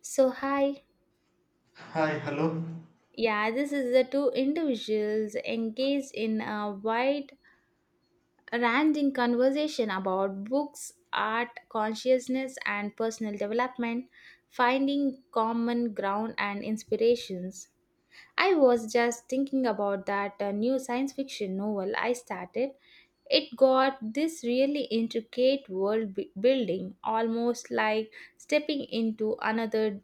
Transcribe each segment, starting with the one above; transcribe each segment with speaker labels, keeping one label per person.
Speaker 1: So, hi.
Speaker 2: Hi, hello.
Speaker 1: Yeah, this is the two individuals engaged in a wide ranging conversation about books, art, consciousness, and personal development, finding common ground and inspirations. I was just thinking about that new science fiction novel I started. It got this really intricate world building, almost like stepping into another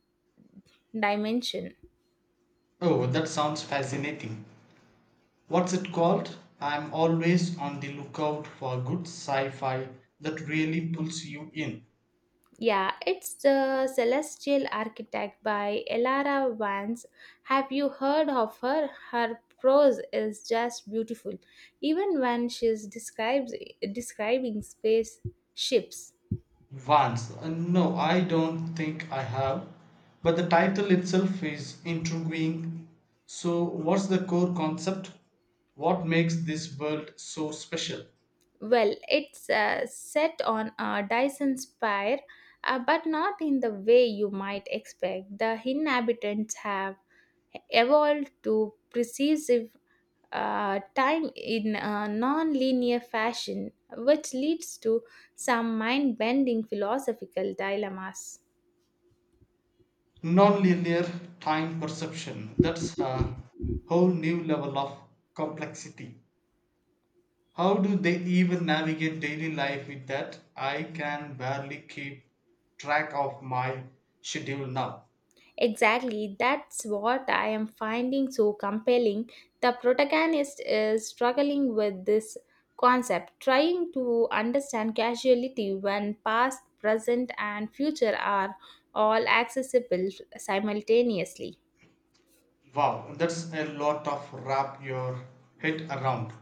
Speaker 1: dimension.
Speaker 2: Oh, that sounds fascinating. What's it called? I'm always on the lookout for good sci fi that really pulls you in.
Speaker 1: Yeah, it's the Celestial Architect by Elara Vance. Have you heard of her? Her prose is just beautiful, even when she's describes describing space ships.
Speaker 2: Vance. No, I don't think I have. But the title itself is intriguing. So, what's the core concept? What makes this world so special?
Speaker 1: Well, it's set on a Dyson spire, but not in the way you might expect. The inhabitants have evolved to precise time in a non-linear fashion, which leads to some mind-bending philosophical dilemmas.
Speaker 2: Nonlinear time perception. That's a whole new level of complexity. How do they even navigate daily life with that? I can barely keep track of my schedule now.
Speaker 1: Exactly, that's what I am finding so compelling. The protagonist is struggling with this concept, trying to understand causality when past, present, and future are all accessible simultaneously.
Speaker 2: Wow, that's a lot of wrap your head around.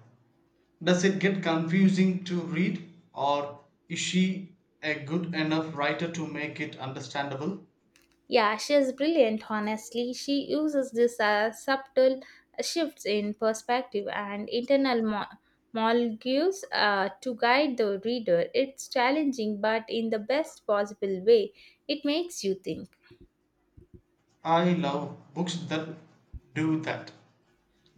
Speaker 2: Does it get confusing to read, or is she a good enough writer to make it understandable?
Speaker 1: Yeah, she is brilliant, honestly. She uses this subtle shifts in perspective and molecules to guide the reader. It's challenging, but in the best possible way, it makes you think.
Speaker 2: I love books that do that.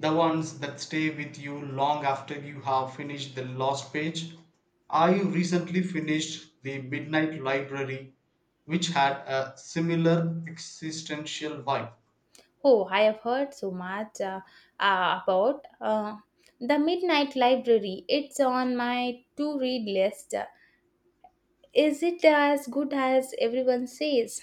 Speaker 2: The ones that stay with you long after you have finished the last page. I recently finished The Midnight Library, which had a similar existential vibe.
Speaker 1: Oh, I have heard so much about the Midnight Library. It's on my to read list. Is it as good as everyone says?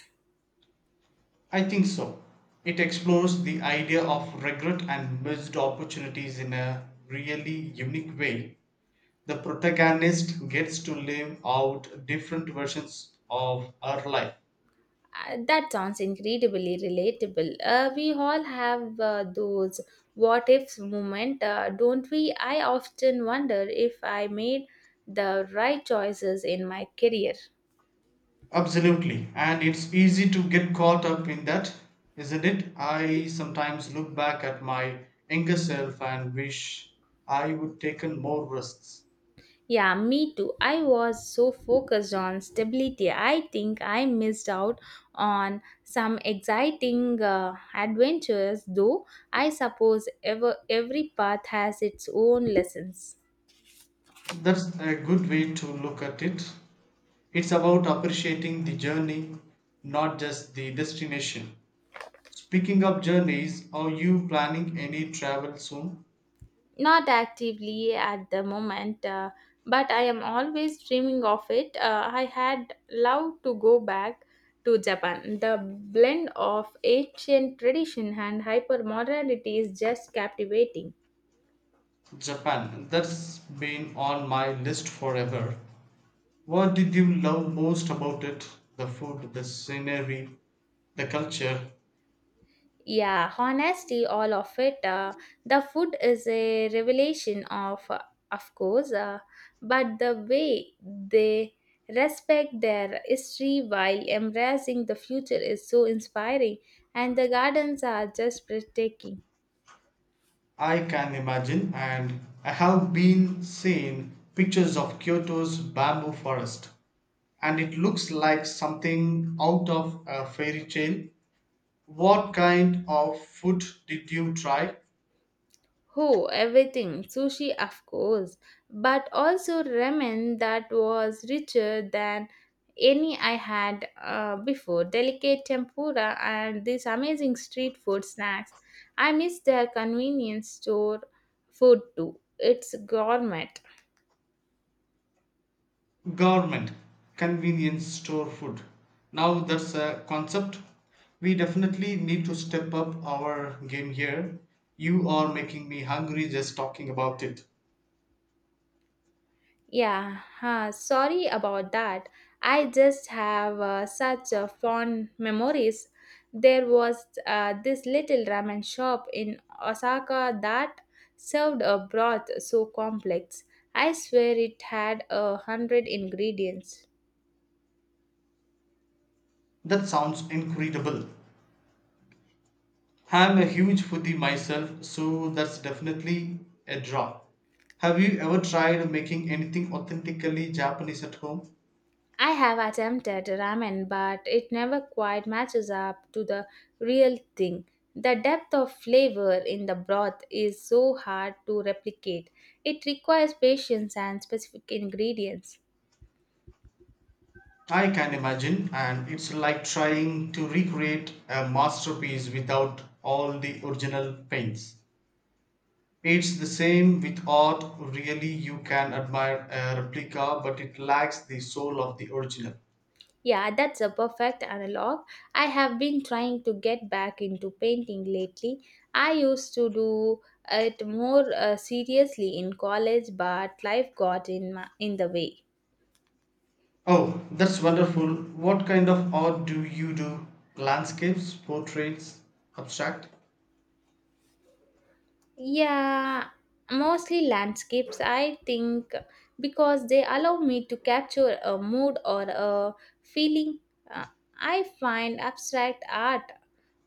Speaker 2: I think so. It explores the idea of regret and missed opportunities in a really unique way. The protagonist gets to live out different versions of her life.
Speaker 1: That sounds incredibly relatable. We all have those what ifs moment, don't we? I often wonder if I made the right choices in my career.
Speaker 2: Absolutely. And it's easy to get caught up in that, isn't it? I sometimes look back at my younger self and wish I would taken more risks.
Speaker 1: Yeah, me too. I was so focused on stability. I think I missed out on some exciting adventures, though I suppose every path has its own lessons.
Speaker 2: That's a good way to look at it. It's about appreciating the journey, not just the destination. Speaking of journeys, are you planning any travel soon?
Speaker 1: Not actively at the moment, but I am always dreaming of it. I had loved to go back to Japan. The blend of ancient tradition and hypermodernity is just captivating.
Speaker 2: Japan. That's been on my list forever. What did you love most about it? The food, the scenery, the culture.
Speaker 1: Yeah, honesty, all of it. The food is a revelation of course, but the way they respect their history while embracing the future is so inspiring, and the gardens are just breathtaking.
Speaker 2: I can imagine, and I have been seeing pictures of Kyoto's bamboo forest, and it looks like something out of a fairy tale. What kind of food did you try?
Speaker 1: Oh, everything. Sushi, of course. But also ramen that was richer than any I had before. Delicate tempura and these amazing street food snacks. I miss their convenience store food too. It's gourmet.
Speaker 2: Government convenience store food. Now that's a concept. We definitely need to step up our game here. You are making me hungry just talking about it.
Speaker 1: Yeah, huh, sorry about that. I just have such fond memories. There was this little ramen shop in Osaka that served a broth so complex. I swear it had a hundred ingredients.
Speaker 2: That sounds incredible. I'm a huge foodie myself, so that's definitely a draw. Have you ever tried making anything authentically Japanese at home?
Speaker 1: I have attempted ramen, but it never quite matches up to the real thing. The depth of flavor in the broth is so hard to replicate. It requires patience and specific ingredients.
Speaker 2: I can imagine, and it's like trying to recreate a masterpiece without all the original paints. It's the same with art, really, you can admire a replica, but it lacks the soul of the original.
Speaker 1: Yeah, that's a perfect analog. I have been trying to get back into painting lately. I used to do it more seriously in college, but life got in the way.
Speaker 2: Oh, that's wonderful. What kind of art do you do? Landscapes, portraits, abstract?
Speaker 1: Yeah, mostly landscapes, I think, because they allow me to capture a mood or a feeling. Uh, I find abstract art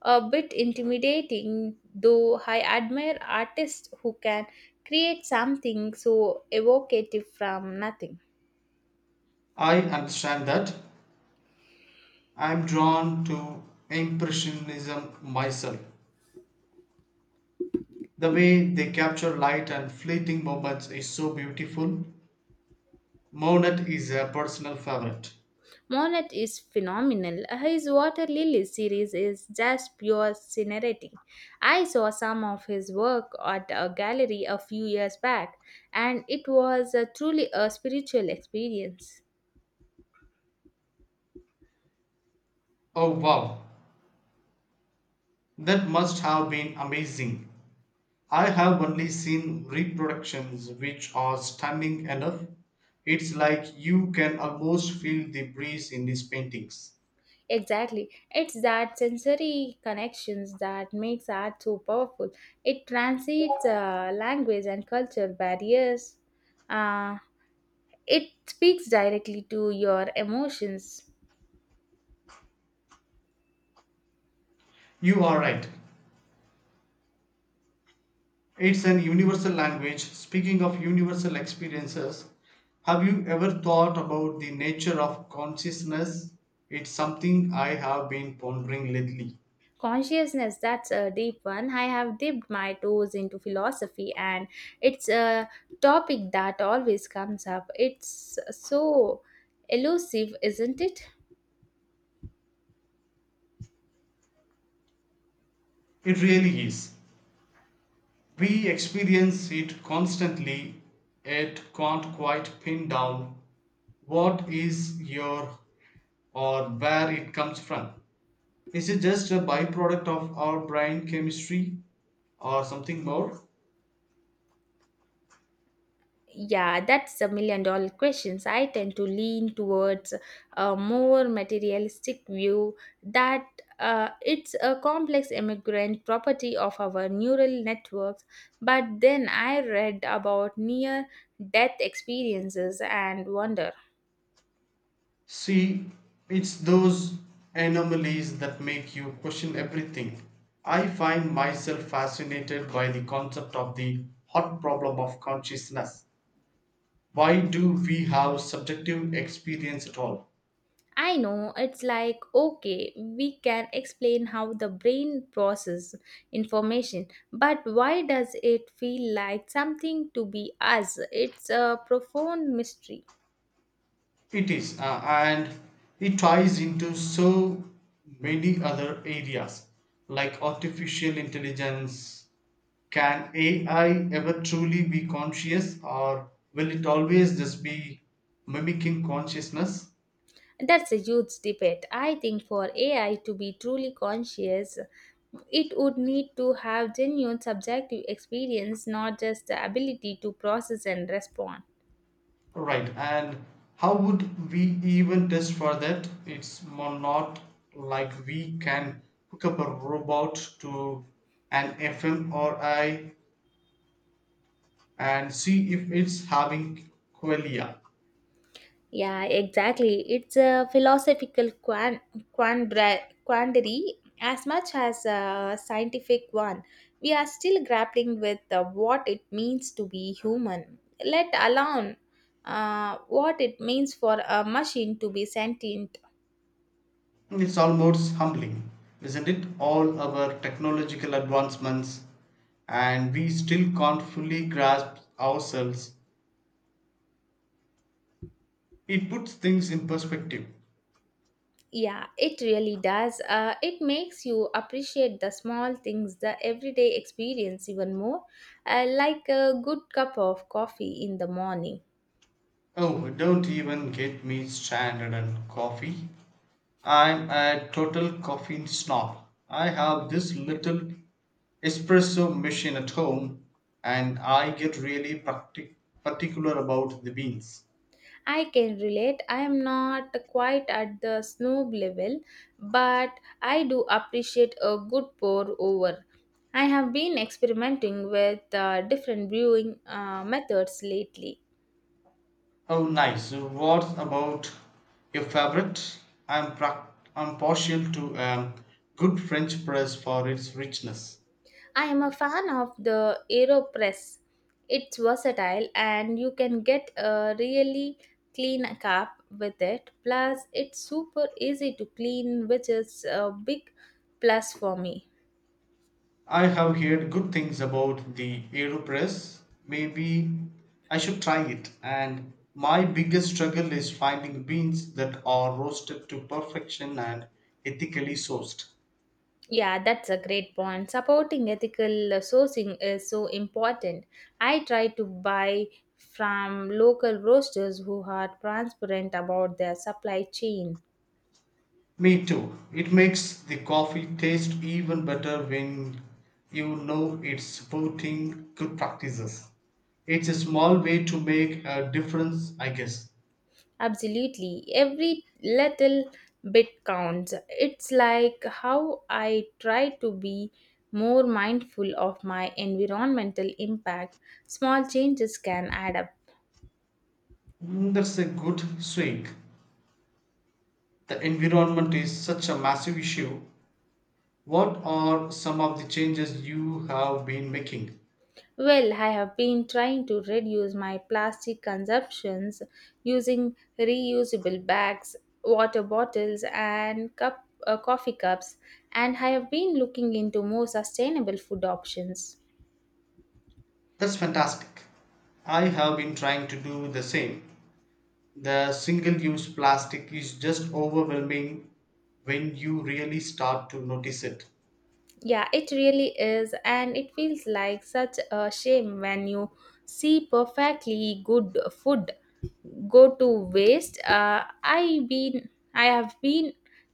Speaker 1: a bit intimidating, though I admire artists who can create something so evocative from nothing.
Speaker 2: I understand that. I'm drawn to Impressionism myself. The way they capture light and fleeting moments is so beautiful. Monet is a personal favorite.
Speaker 1: Monet is phenomenal. His Water Lily series is just pure scenery. I saw some of his work at a gallery a few years back, and it was a truly a spiritual experience.
Speaker 2: Oh wow, that must have been amazing. I have only seen reproductions which are stunning enough. It's like you can almost feel the breeze in his paintings.
Speaker 1: Exactly. It's that sensory connections that makes art so powerful. It transcends language and culture barriers. Uh, it speaks directly to your emotions.
Speaker 2: You are right. It's an universal language. Speaking of universal experiences, have you ever thought about the nature of consciousness? It's something I have been pondering lately.
Speaker 1: Consciousness, that's a deep one. I have dipped my toes into philosophy, and it's a topic that always comes up. It's so elusive, isn't it?
Speaker 2: It really is. We experience it constantly, yet can't quite pin down what is your or where it comes from. Is it just a byproduct of our brain chemistry or something more?
Speaker 1: Yeah, that's $1 million questions. I tend to lean towards a more materialistic view that it's a complex immigrant property of our neural networks. But then I read about near death experiences and wonder.
Speaker 2: See, it's those anomalies that make you question everything. I find myself fascinated by the concept of the hot problem of consciousness. Why do we have subjective experience at all?
Speaker 1: I know it's like okay, we can explain how the brain processes information, but why does it feel like something to be us? It's a profound mystery.
Speaker 2: It is, and it ties into so many other areas like artificial intelligence. Can AI ever truly be conscious, or will it always just be mimicking consciousness?
Speaker 1: That's a huge debate. I think for AI to be truly conscious, it would need to have genuine subjective experience, not just the ability to process and respond.
Speaker 2: Right, and how would we even test for that? It's more not like we can hook up a robot to an fMRI and see if it's having qualia.
Speaker 1: Yeah, exactly. It's a philosophical quandary as much as a scientific one. We are still grappling with what it means to be human, let alone what it means for a machine to be sentient.
Speaker 2: It's almost humbling, isn't it? All our technological advancements, and we still can't fully grasp ourselves. It puts things in perspective.
Speaker 1: Yeah, it really does. It makes you appreciate the small things, the everyday experience even more, like a good cup of coffee in the morning.
Speaker 2: Oh, don't even get me started on coffee. I'm a total coffee snob. I have this little espresso machine at home, and I get really particular about the beans.
Speaker 1: I can relate. I am not quite at the snob level, but I do appreciate a good pour over. I have been experimenting with different brewing methods lately.
Speaker 2: Oh, nice. What about your favorite? I'm, prac I'm partial to a good French press for its richness.
Speaker 1: I am a fan of the AeroPress. It's versatile and you can get a really clean cup with it. Plus, it's super easy to clean, which is a big plus for me.
Speaker 2: I have heard good things about the AeroPress. Maybe I should try it. And my biggest struggle is finding beans that are roasted to perfection and ethically sourced.
Speaker 1: Yeah, that's a great point. Supporting ethical sourcing is so important. I try to buy from local roasters who are transparent about their supply chain.
Speaker 2: Me too. It makes the coffee taste even better when you know it's supporting good practices. It's a small way to make a difference, I guess.
Speaker 1: Absolutely. Every little bit counts. It's like how I try to be more mindful of my environmental impact. Small changes can add up.
Speaker 2: Mm, that's a good swing. The environment is such a massive issue. What are some of the changes you have been making?
Speaker 1: Well, I have been trying to reduce my plastic consumptions using reusable bags, water bottles, and coffee cups, and I have been looking into more sustainable food options.
Speaker 2: That's fantastic. I have been trying to do the same. The single use plastic is just overwhelming when you really start to notice it.
Speaker 1: Yeah, it really is, and it feels like such a shame when you see perfectly good food go to waste. I have been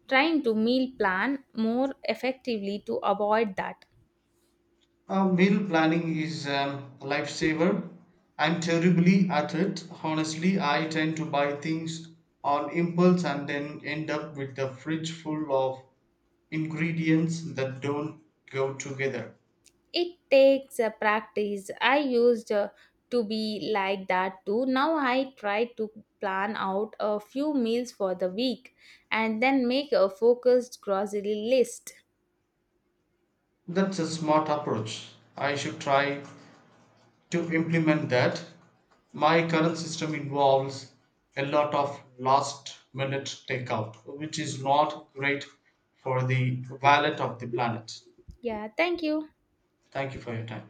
Speaker 1: trying to meal plan more effectively to avoid that.
Speaker 2: Meal planning is a lifesaver. I'm terribly at it. Honestly, I tend to buy things on impulse and then end up with a fridge full of ingredients that don't go together.
Speaker 1: It takes a practice. I used to be like that too. Now I try to plan out a few meals for the week and then make a focused grocery list.
Speaker 2: That's a smart approach. I should try to implement that. My current system involves a lot of last minute takeout, which is not great for the wallet of the planet.
Speaker 1: Yeah, thank you.
Speaker 2: Thank you for your time.